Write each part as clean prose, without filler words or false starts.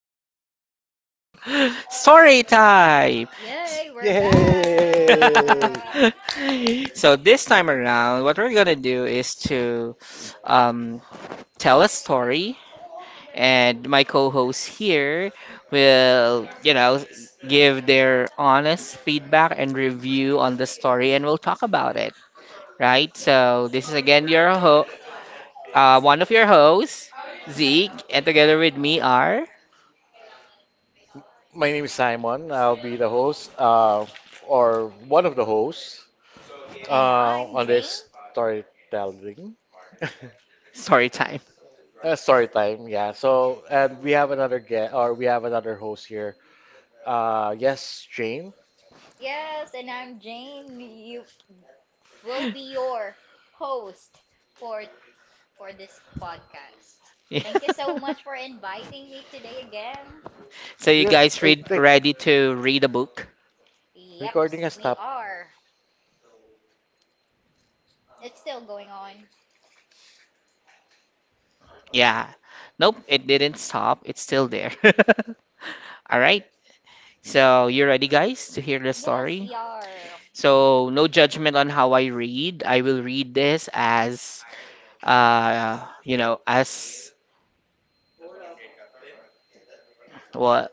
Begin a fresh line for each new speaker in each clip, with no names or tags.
episode of Story Time.
Yay, we're back.
So this time around, what we're gonna do is to um, tell a story, and my co-host here will, give their honest feedback and review on the story, and we'll talk about it. Right? So this is again your one of your hosts, Zeke, and together with me are.
And I'm Jane.
Story time.
Yes, and I'm Jane. You will be your host for for this podcast.
Yeah.
Thank you so much for inviting me today again.
So you guys ready to read a book?
Yeps, we are. It's still going on.
Yeah. Nope, it didn't stop. It's still there. All right. So you ready guys to hear the
Yes,
story?
we are.
So no judgment on how I read. I will read this as as what.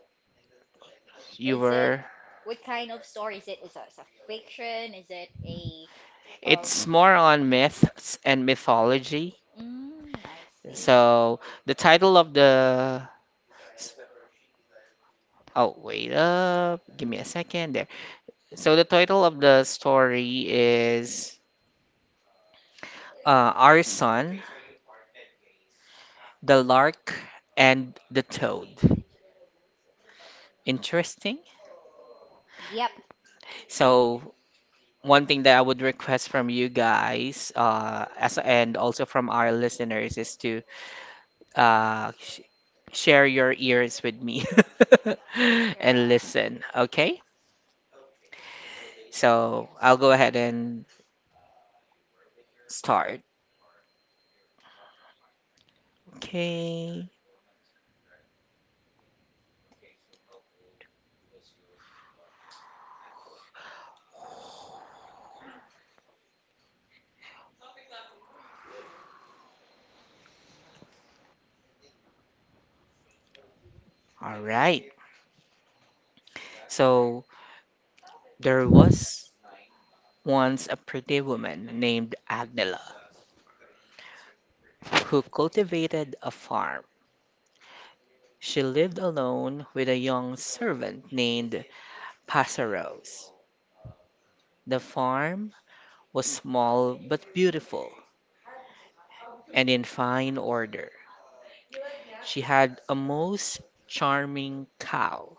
You
Is it
were.
what kind of story is it? Is it a fiction? Is it a
It's
um?
more on myths and mythology.
Mm, I see.
So the title of the Oh, wait up. Give me a second there. So the title of the story is Our Son, the Lark, and the Toad. Interesting.
Yep.
So one thing that I would request from you guys, as and also from our listeners, is to sh share your ears with me and listen. Okay. So I'll go ahead and start. Okay. All right. So there was once a pretty woman named Agnella, who cultivated a farm. She lived alone with a young servant named Passerose. The farm was small but beautiful, and in fine order. She had a most charming cow,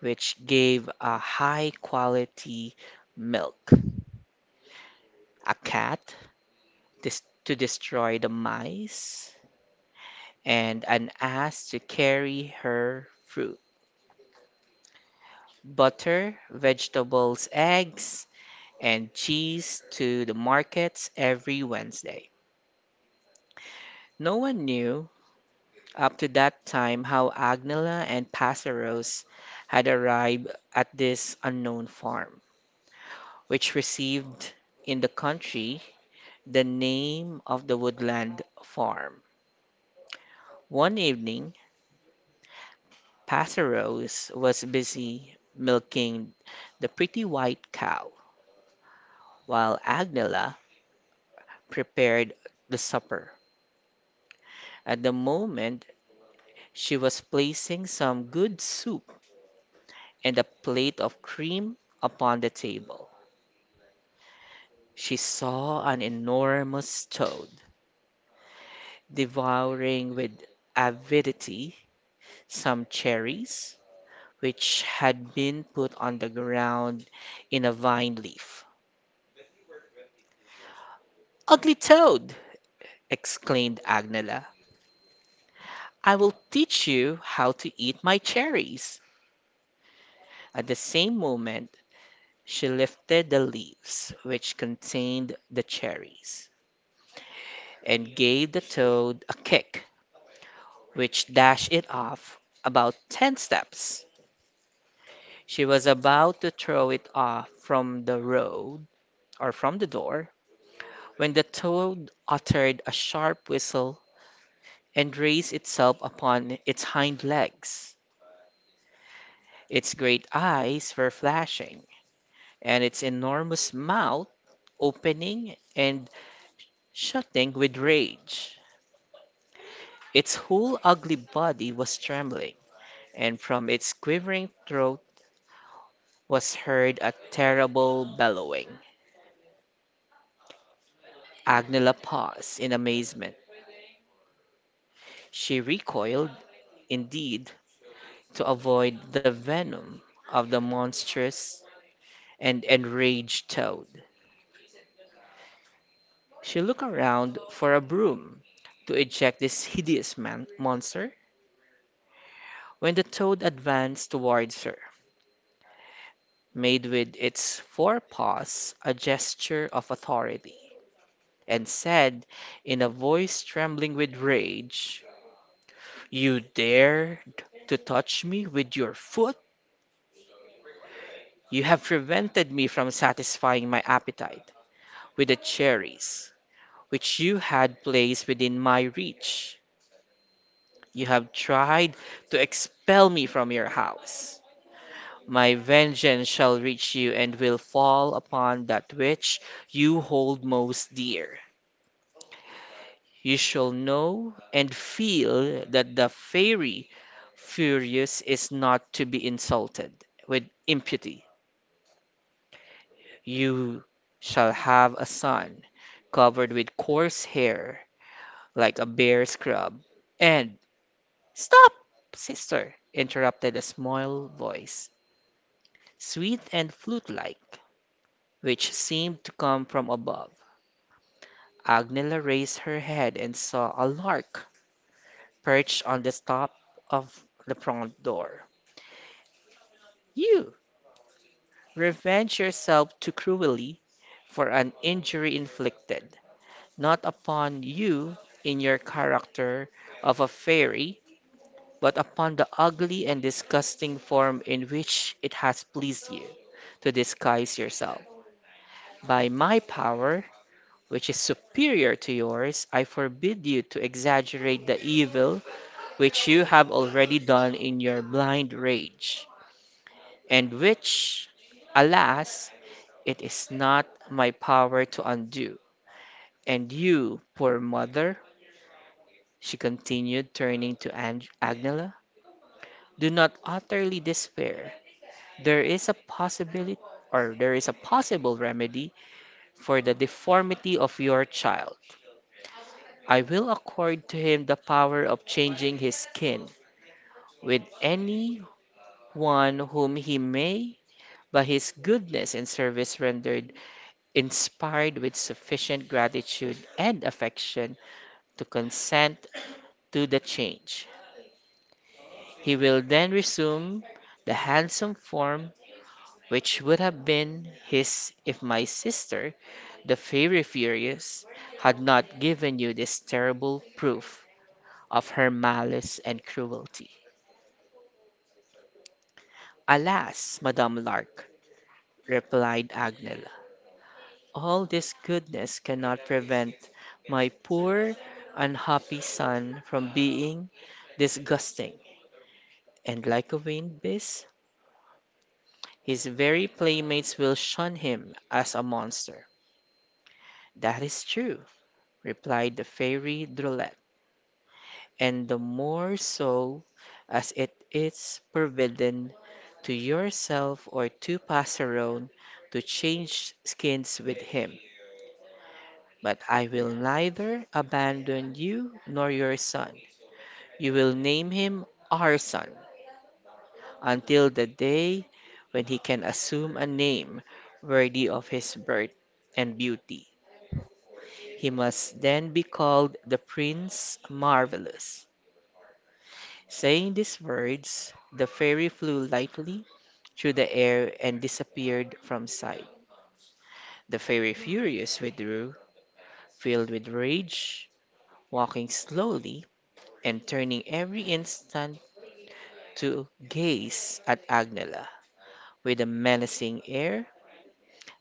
which gave a high quality milk, a cat to destroy the mice, and an ass to carry her fruit, butter, vegetables, eggs, and cheese to the markets every Wednesday. No one knew up to that time how Agnella and Passeros had arrived at this unknown farm, which received in the country the name of the Woodland Farm. One evening, Passeros was busy milking the pretty white cow, while Agnella prepared the supper. At the moment she was placing some good soup and a plate of cream upon the table, she saw an enormous toad devouring with avidity some cherries which had been put on the ground in a vine leaf. "Ugly toad!" exclaimed Agnella. "I will teach you how to eat my cherries." At the same moment, she lifted the leaves which contained the cherries, and gave the toad a kick which dashed it off about ten steps. She was about to throw it off from the road or from the door, when the toad uttered a sharp whistle and raised itself upon its hind legs. Its great eyes were flashing, and its enormous mouth opening and shutting with rage. Its whole ugly body was trembling, and from its quivering throat was heard a terrible bellowing. Agnella paused in amazement. She recoiled, indeed, to avoid the venom of the monstrous and enraged toad. She looked around for a broom to eject this hideous monster, when the toad advanced towards her, made with its forepaws a gesture of authority, and said, in a voice trembling with rage, "You dared to touch me with your foot! You have prevented me from satisfying my appetite with the cherries which you had placed within my reach. You have tried to expel me from your house. My vengeance shall reach you and will fall upon that which you hold most dear. You shall know and feel that the fairy Furious is not to be insulted with impiety. You shall have a son covered with coarse hair like a bear scrub. And stop, sister," interrupted a small voice, sweet and flute-like, which seemed to come from above. Agnella raised her head and saw a lark perched on the top of the front door. "You revenge yourself too cruelly for an injury inflicted, not upon you in your character of a fairy, but upon the ugly and disgusting form in which it has pleased you to disguise yourself. By my power, which is superior to yours, I forbid you to exaggerate the evil which you have already done in your blind rage, and which, alas! It is not my power to undo. And you, poor mother," she continued, turning to Ang Agnella, "do not utterly despair. There is a possibility or there is a possible remedy for the deformity of your child. I will accord to him the power of changing his skin with any one whom he may, by his goodness and service rendered, inspired with sufficient gratitude and affection to consent to the change. He will then resume the handsome form which would have been his if my sister, the Fairy Furious, had not given you this terrible proof of her malice and cruelty." "Alas, Madame Lark," replied Agnella, "all this goodness cannot prevent my poor unhappy son from being disgusting and like a vain beast. His very playmates will shun him as a monster." "That is true," replied the Fairy Drollet, "and the more so as it is forbidden to yourself or to Passerone to change skins with him. But I will neither abandon you nor your son. You will name him our son, until the day when he can assume a name worthy of his birth and beauty. He must then be called the Prince Marvellous." Saying these words, the fairy flew lightly through the air and disappeared from sight. The fairy Furious withdrew, filled with rage, walking slowly, and turning every instant to gaze at Agnella with a menacing air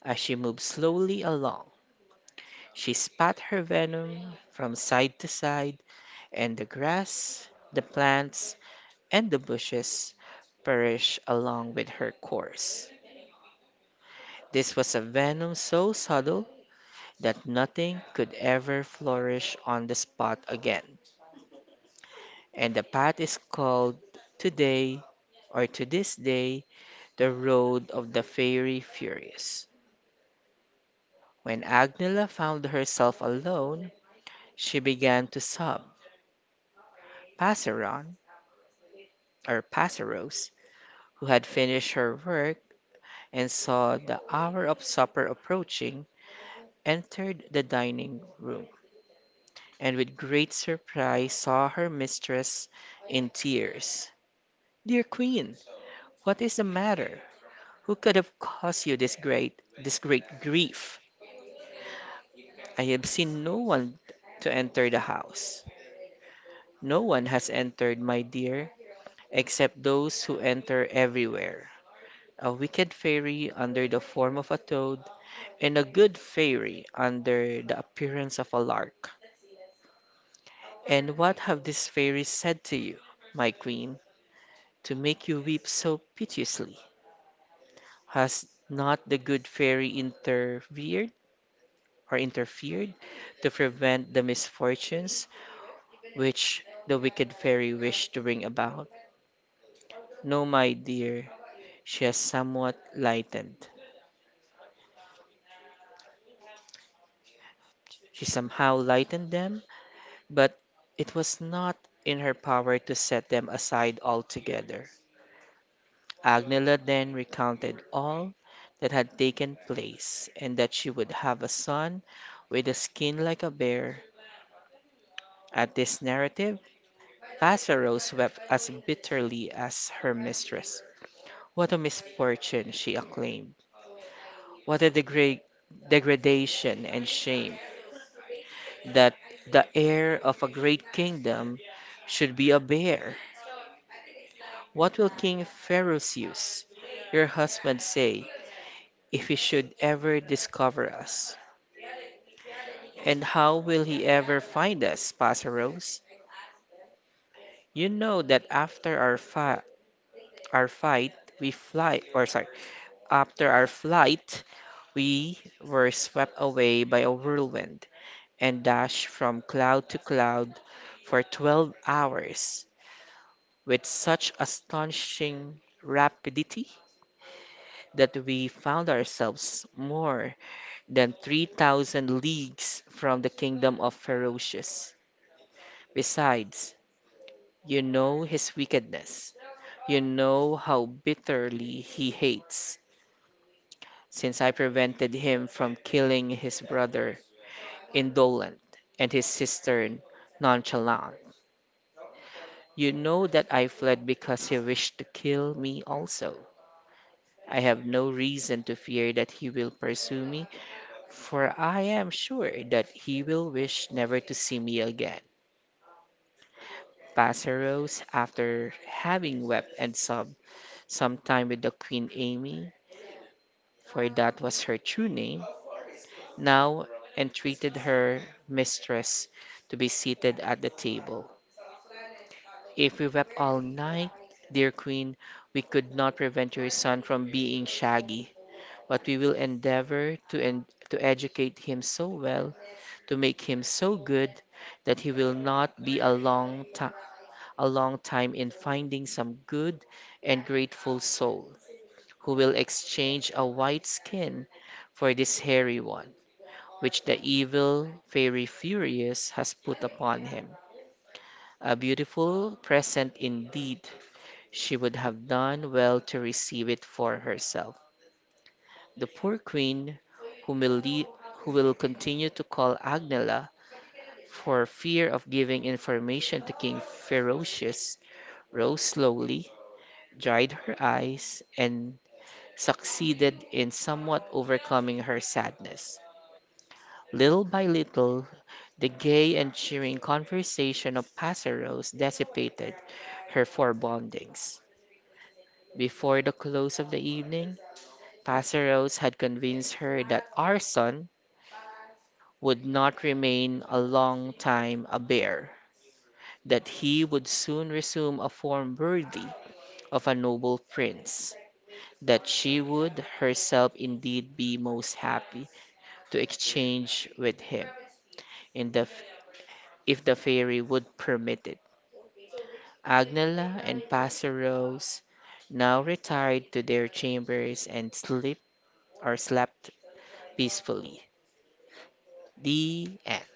as she moved slowly along. She spat her venom from side to side, and the grass, the plants, and the bushes perished along with her course. This was a venom so subtle that nothing could ever flourish on the spot again, and the path is called today or to this day the road of the fairy furious. When Agnella found herself alone, she began to sob. Passeron, or Passeros, who had finished her work and saw the hour of supper approaching, entered the dining room, and with great surprise saw her mistress in tears. "Dear Queen, what is the matter? Who could have caused you this great grief? I have seen no one to enter the house." "No one has entered, my dear, except those who enter everywhere. A wicked fairy under the form of a toad, and a good fairy under the appearance of a lark." "And what have these fairies said to you, my queen, to make you weep so piteously? Has not the good fairy interfered or interfered to prevent the misfortunes which the wicked fairy wished to bring about?" "No, my dear, she has somewhat lightened. She somehow lightened them, but it was not in her power to set them aside altogether." Agnella then recounted all that had taken place, and that she would have a son with a skin like a bear. At this narrative Lazaro wept as bitterly as her mistress. "What a misfortune!" she acclaimed. "What a degradation and shame, that the heir of a great kingdom should be a bear! What will King Ferocious, your husband, say if he should ever discover us?" "And how will he ever find us, Passerose? You know that after our fi our fight, we fly, or sorry, after our flight, we were swept away by a whirlwind and dashed from cloud to cloud for 12 hours with such astonishing rapidity that we found ourselves more than 3,000 leagues from the kingdom of Ferocious. Besides, you know his wickedness. You know how bitterly he hates, since I prevented him from killing his brother, Indolent, and his sister, Nonchalant. You know that I fled because he wished to kill me also. I have no reason to fear that he will pursue me, for I am sure that he will wish never to see me again." Passerose, after having wept and sobbed some time with the Queen Amy, for that was her true name, now entreated her mistress to be seated at the table. "If we wept all night, dear queen, we could not prevent your son from being shaggy, but we will to educate him so well, to make him so good, that he will not be a a long time in finding some good and grateful soul, who will exchange a white skin for this hairy one, which the evil Fairy Furious has put upon him. A beautiful present indeed! She would have done well to receive it for herself." The poor Queen, whom will lea- who will continue to call Agnella for fear of giving information to King Ferocious, rose slowly, dried her eyes, and succeeded in somewhat overcoming her sadness. Little by little the gay and cheering conversation of Passeros dissipated her forebodings. Before the close of the evening, Passeros had convinced her that our son would not remain a long time a bear, that he would soon resume a form worthy of a noble prince, that she would herself indeed be most happy to exchange with him, in the, if the fairy would permit it. Agnella and Pastor Rose now retired to their chambers and sleep or slept peacefully. The end.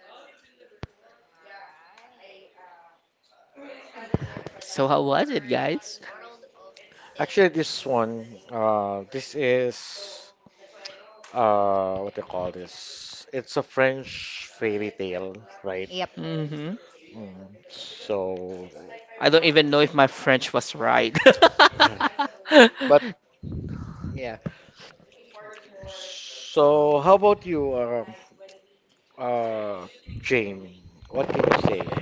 So how was it, guys?
Actually, this one, this is what they call this. It's a French fairy tale, right?
Yep.
Hmm.
Mm, so,
I don't even know if my French was right.
but yeah. So, how about you, Jane? What can you say?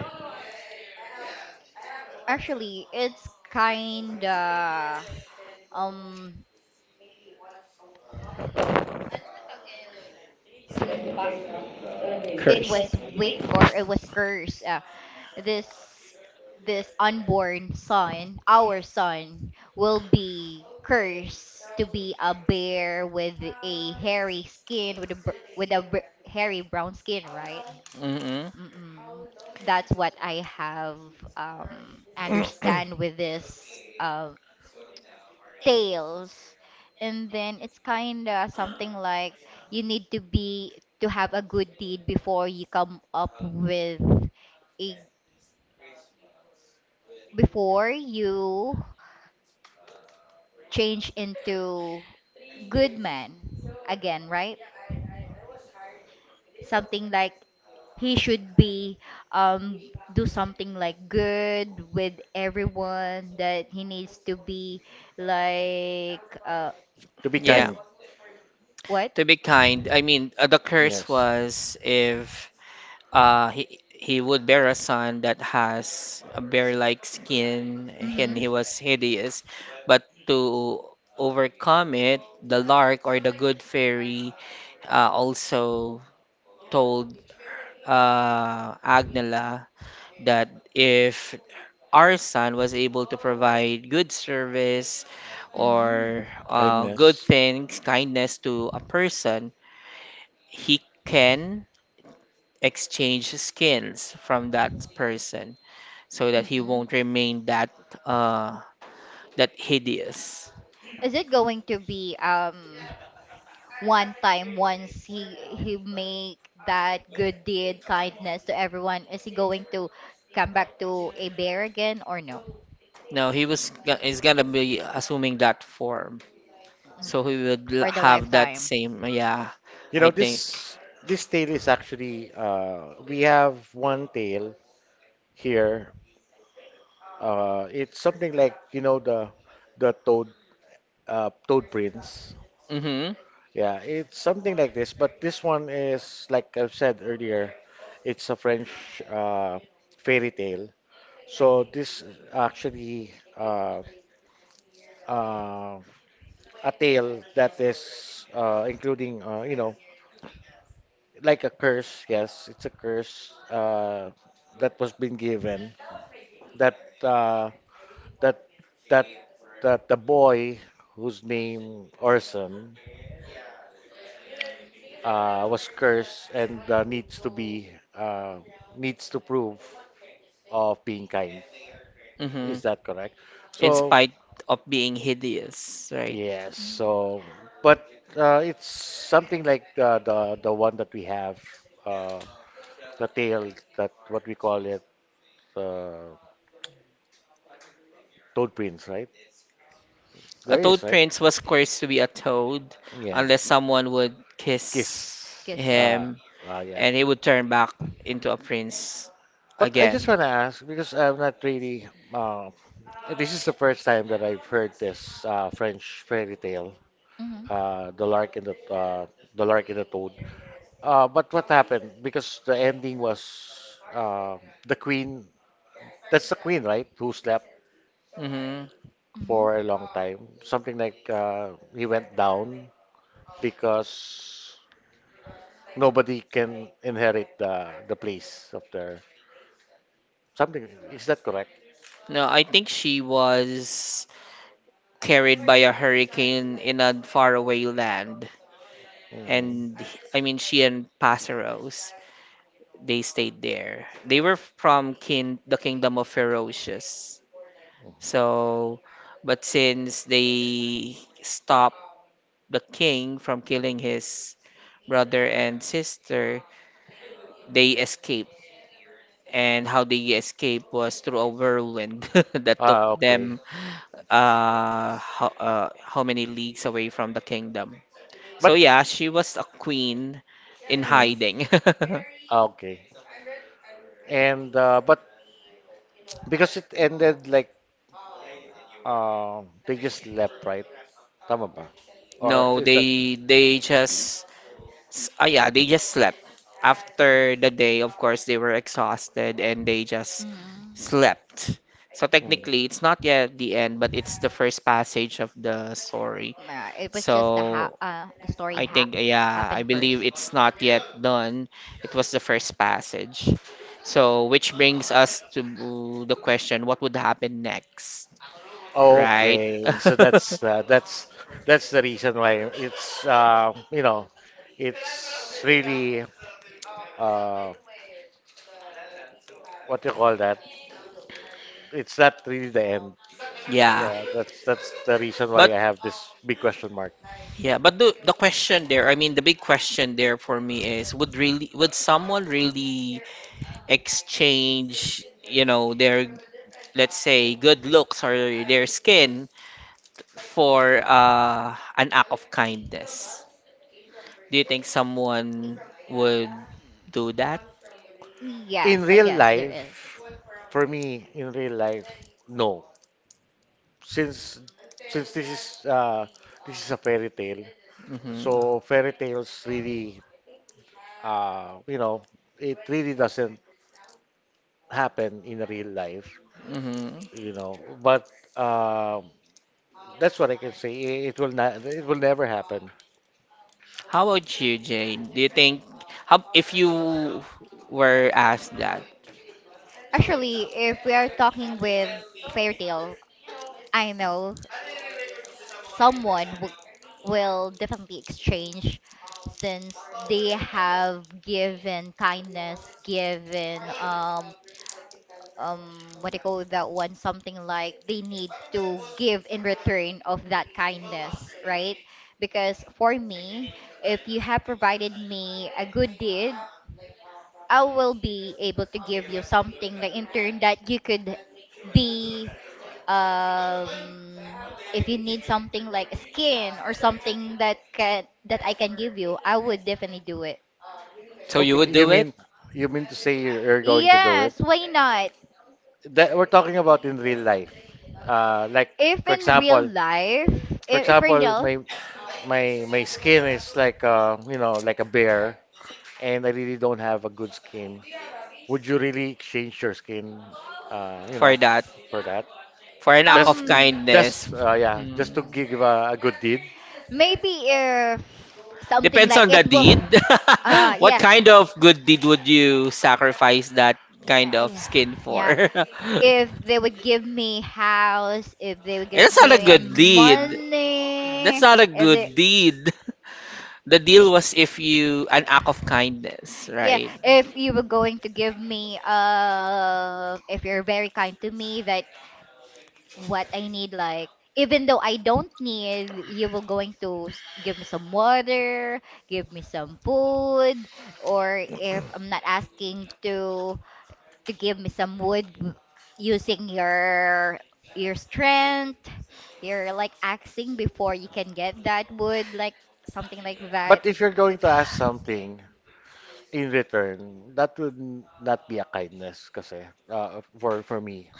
Actually, it's kinda um it
Curse.
was wick or it was cursed. This unborn son, our son will be cursed to be a bear with a hairy skin, with a hairy brown skin, right?
Mm-hmm.
Mm-mm. That's what I have understand with this tales. And then it's kind of something like you need to be to have a good deed before you come up with a before you change into good man again, right? Something like he should be um do something like good with everyone, that he needs to be like
To be
Yeah.
because
kind.
what.
To be kind, I mean, the curse
Yes,
was if he would bear a son that has a bear-like skin and he was hideous, but to overcome it, the lark or the good fairy also told Agnella that if our son was able to provide good service or good
kindness.
things, kindness to a person, he can exchange skins from that person so that he won't remain that uh that hideous.
Is it going to be one time, once he make that good deed kindness to everyone? Is he going to come back to a bear again or no?
Now he's gonna be assuming that form,
Mm.
so he would
For the
have that
lifetime.
same, yeah,
You
I
know,
think.
this tail is actually we have one tail here. It's something like, you know, the toad toad prince.
Mhm,
Yeah, it's something like this, but this one is like I've said earlier, it's a French uh fairy tale. So this is actually uh a tale that is including you know, like a curse, yes, it's a curse that was been given that uh, that that that the boy whose name Orson, was cursed and needs to be needs to prove of being kind. Is
mhm.
that correct?
In
So
spite of being hideous, right?
yes.
Mm.
So but it's something like the one that we have uh, the tale that what we call it, uh, Toad Prince, right?
A
There is
toad
right.
prince was cursed to be a toad
Yeah.
unless someone would kiss
Kiss.
Kiss him.
Ah,
him,
ah, yeah.
and he would turn back into a prince
But I just
again.
want to ask because I'm not really. Um, this is the first time that I've heard this French fairy tale,
Mm-hmm.
the Lark and the Lark and the Toad. But what happened? Because the ending was the queen. That's the queen, right? Who slept
Hmm.
for
Mm-hmm.
a long time. Something like he went down because nobody can inherit the place of their something, is that correct?
No, I think she was carried by a hurricane in a faraway land.
Hmm.
I mean, she and Passeros, they stayed there. They were from kin the kingdom of Ferocious. So, but since they stopped the king from killing his brother and sister, they escaped. And how they escaped was through a whirlwind that took
Ah, okay.
them how many leagues away from the kingdom. So
But
yeah, she was a queen in
mm,
hiding.
ah, okay. And but because it ended like, they just left, right? Tama ba? Or
No,
is that
they just ah, yeah, they just slept. After the day, of course, they were exhausted and they just
Mm.
slept. So technically, it's not yet the end, but it's the first passage of the story.
Nah, it was just the ha
So
the story
I
ha
think,
f
yeah, I
happened
believe
first.
it's not yet done. It was the first passage. So which brings us to the question, what would happen next? Right.
okay? So that's that's the reason why it's you know, it's really uh, what do you call that? It's not really the end.
Yeah.
Yeah, that's the reason why
But
I have this big question mark.
yeah, but the question there, I mean the big question there for me is, would really, would someone really exchange, you know, their, let's say, good looks or their skin for an act of kindness? Do you think
Y-
someone would do that?
In
Yes, I
real
guess there is.
life, for me, in real life, no. Since since this is a fairy tale,
Mm-hmm.
so fairy tales really, you know, it really doesn't happen in real life,
Mm-hmm.
you know. But um that's what I can say. It will not. It will never happen.
How about you, Jane? Do you think, how, if you were asked that,
Actually, if we are talking with fairy tale, I know someone w will definitely exchange, since they have given kindness, given What do you call that one? Something like they need to give in return of that kindness, right? Because for me, if you have provided me a good deed, I will be able to give you something like in turn, that you could be um if you need something like a skin or something that can that I can give you, I would definitely do it.
so you
Okay,
would do it
you mean to say you're going to do it?
Yes, why not?
That we're talking about in real life. Like
If
for
in real
example,
life,
for
I- if in
example,
real
my skin is like you know, like a bear, and I really don't have a good skin. Would you really exchange your skin, you
for
know,
that?
for that?
For an act
Just
of
to,
Um,
kindness.
just yeah, just to
Mm.
give a good deed.
maybe if something
Depends
like
on the
it will,
deed.
uh,
What
yeah,
kind of good deed would you sacrifice that kind
Uh,
of
yeah,
skin
yeah.
for?
If they would give me house, if they would give
That's not a
me
good deed.
money,
That's not a
if they,
good deed. The deal was if you an act of kindness,
yeah,
right?
if you were going to give me, if you're very kind to me, that what I need. Like, even though I don't need, you will going to give me some water, give me some food, or if I'm not asking to give me some wood using your strength, you're like axing before you can get that wood, like something like that.
But if you're going to ask something in return, that would not be a kindness kasi, for me.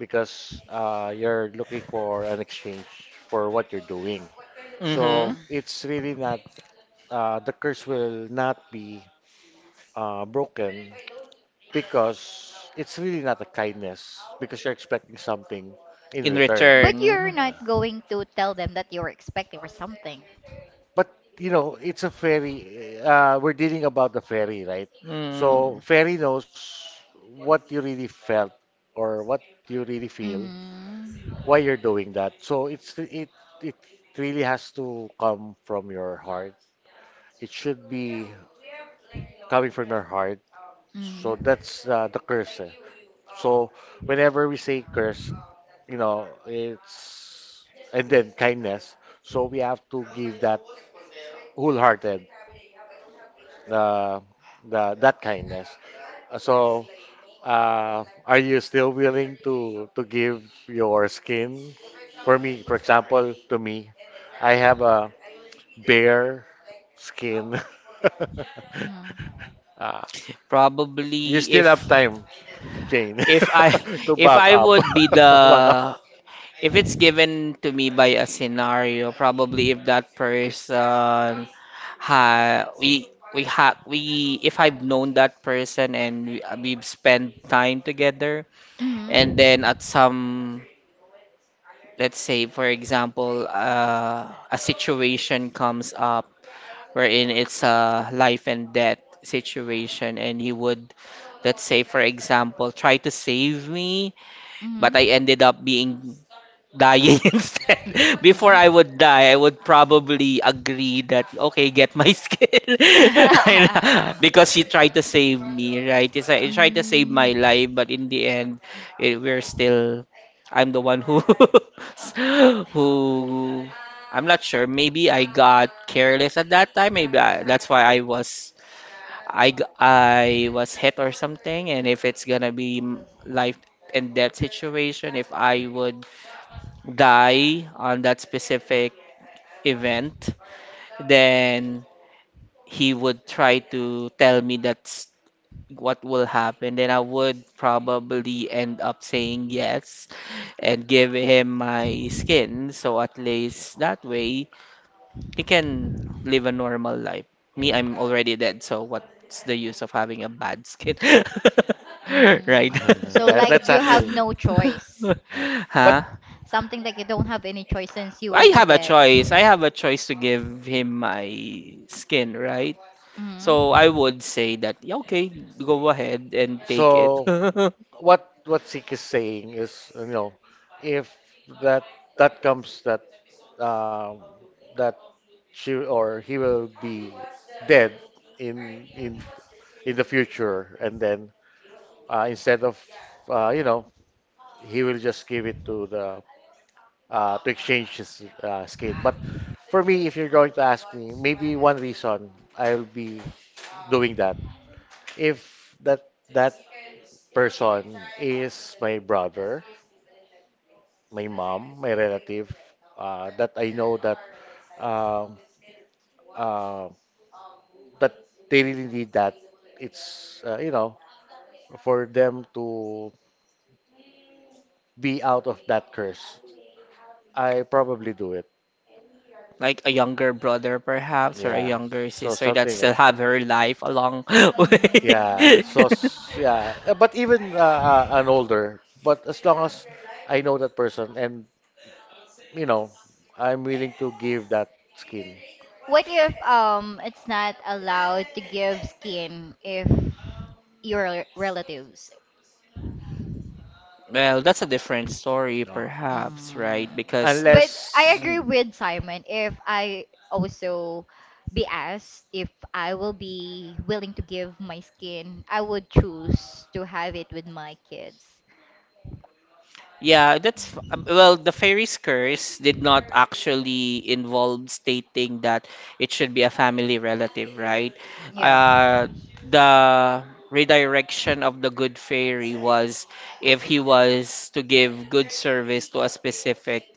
Because you're looking for an exchange for what you're doing.
Mm-hmm.
So
Mm-mm.
it's really not, the curse will not be broken because it's really not a kindness because you're expecting something in
In
return.
But you're
return.
Yeah.
not going to tell them that you're expecting or something.
But you know, it's a fairy. We're dealing about the fairy, right?
Mm.
So fairy knows what you really felt or what you really feel why
Mm-hmm.
you're doing that. So it's it really has to come from your heart. It should be coming from your heart. So
Mm-hmm.
that's the curse. Eh. So whenever we say curse, you know, it's and then kindness. So we have to give that wholehearted, uh, the that kindness. So are you still willing to give your skin? For me, for example, to me, I have a bare skin.
Mm-hmm.
Ah, you
Probably
still
if
have time, Jane,
if I
to
if
back
I
up.
would be the,
Back up.
if it's given to me by a scenario, probably if that person, ha we we ha we if I've known that person and we've spent time together,
Mhm.
and
Mhm.
then at some, let's say for example, a situation comes up wherein it's a life and death situation, and he would, let's say for example, try to save me, but
Mhm.
I ended up being dying instead. Before I would die, I would probably agree that, okay, get my skill. And, because she
Mm.
tried to save me, right? It's like, she tried to save my life, but in the end, it, we're still. I'm the one who who, I'm not sure. Maybe I got careless at that time. Maybe I, that's why I was, I was hit or something. And if it's gonna be, mm, life and death situation, if I would die on that specific event, then he would try to tell me that's what will happen. Then I would probably end up saying yes and give him my skin. So at least that way he can live a normal life. Me, I'm already dead, so what's the use of having a bad skin? Right?
Mm. So like
That's
you have
actually.
no choice.
Yeah.
Huh?
But
Something like you don't have any choice since you
I
will be
have a
dead.
choice. I have a choice to give him my skin, right? So
Mm.
I would say that, yeah, okay, go ahead and take it.
so what Sik is saying is, you know, if that that comes that, um, that she or he will be dead in in in the future, and then instead of, you know, he will just give it to the, to exchange his, skin. But for me, if you're going to ask me, maybe one reason I'll be doing that, if that that person is my brother, my mom, my relative, that I know that, um, uh, that they really need that. It's, you know, for them to be out of that curse. I probably do it.
Like a younger brother, perhaps, or a
Yeah.
younger
So
sister that
something. Like
still have her life a long way.
yeah,
Mm.
so but even an older, but as long as I know that person and you know, I'm willing to give that skin.
What if it's not allowed to give skin if your relatives?
Well, that's a different story,
No.
perhaps, right?
Mm.
Because,
But I
Unless,
agree
mm,
with Simon, if I also be asked if I will be willing to give my skin, I would choose to have it with my kids.
yeah, that's well, the fairy's curse did not actually involve stating that it should be a family relative, right?
Yeah.
Uh, the redirection of the good fairy was if he was to give good service to a specific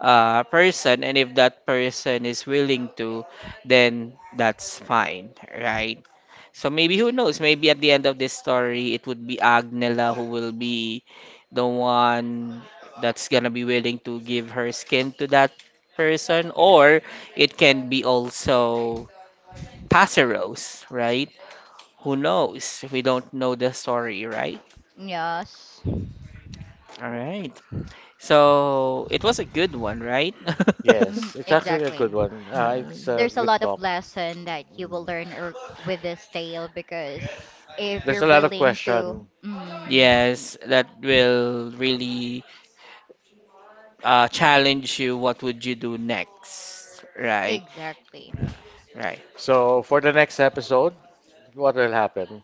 person, and if that person is willing to, then that's fine, right? So maybe, who knows? Maybe at the end of this story, it would be Agnella who will be the one that's gonna be willing to give her skin to that person, or it can be also Passerose, right? Who knows? We don't know the story, right?
Yes.
All right. So it was a good one, right?
Mm,
yes, it's actually a
exactly.
good one. It's
Um,
a
There's a
good
lot of
talk.
lesson that you will
Mm.
learn or, with this tale, because if
There's
you're
a lot of
willing to
question.
mm,
yes, that will really challenge you. What would you do next? Right,
exactly.
right.
So for the next episode, what will happen?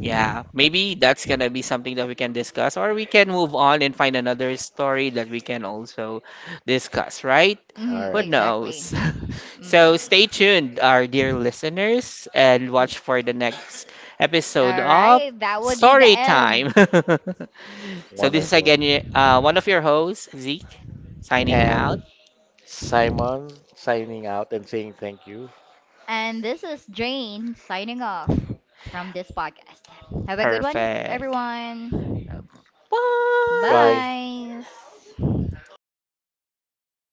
Yeah, maybe that's gonna be something that we can discuss, or we can move on and find another story that we can also discuss, right?
All
Mm,
Who
right,
exactly.
knows?
Mm,
So stay
yes.
tuned, our dear listeners, and
Mm,
watch for the next episode
all
of
right, that would be the
Story
end.
Time. So this is
wonderful.
again, one of your hosts, Zeke, signing
And
out.
Simon signing out and saying thank you.
And this is Jane signing off from this podcast. Have a good one,
Perfect.
everyone.
Bye.
Bye.
Bye.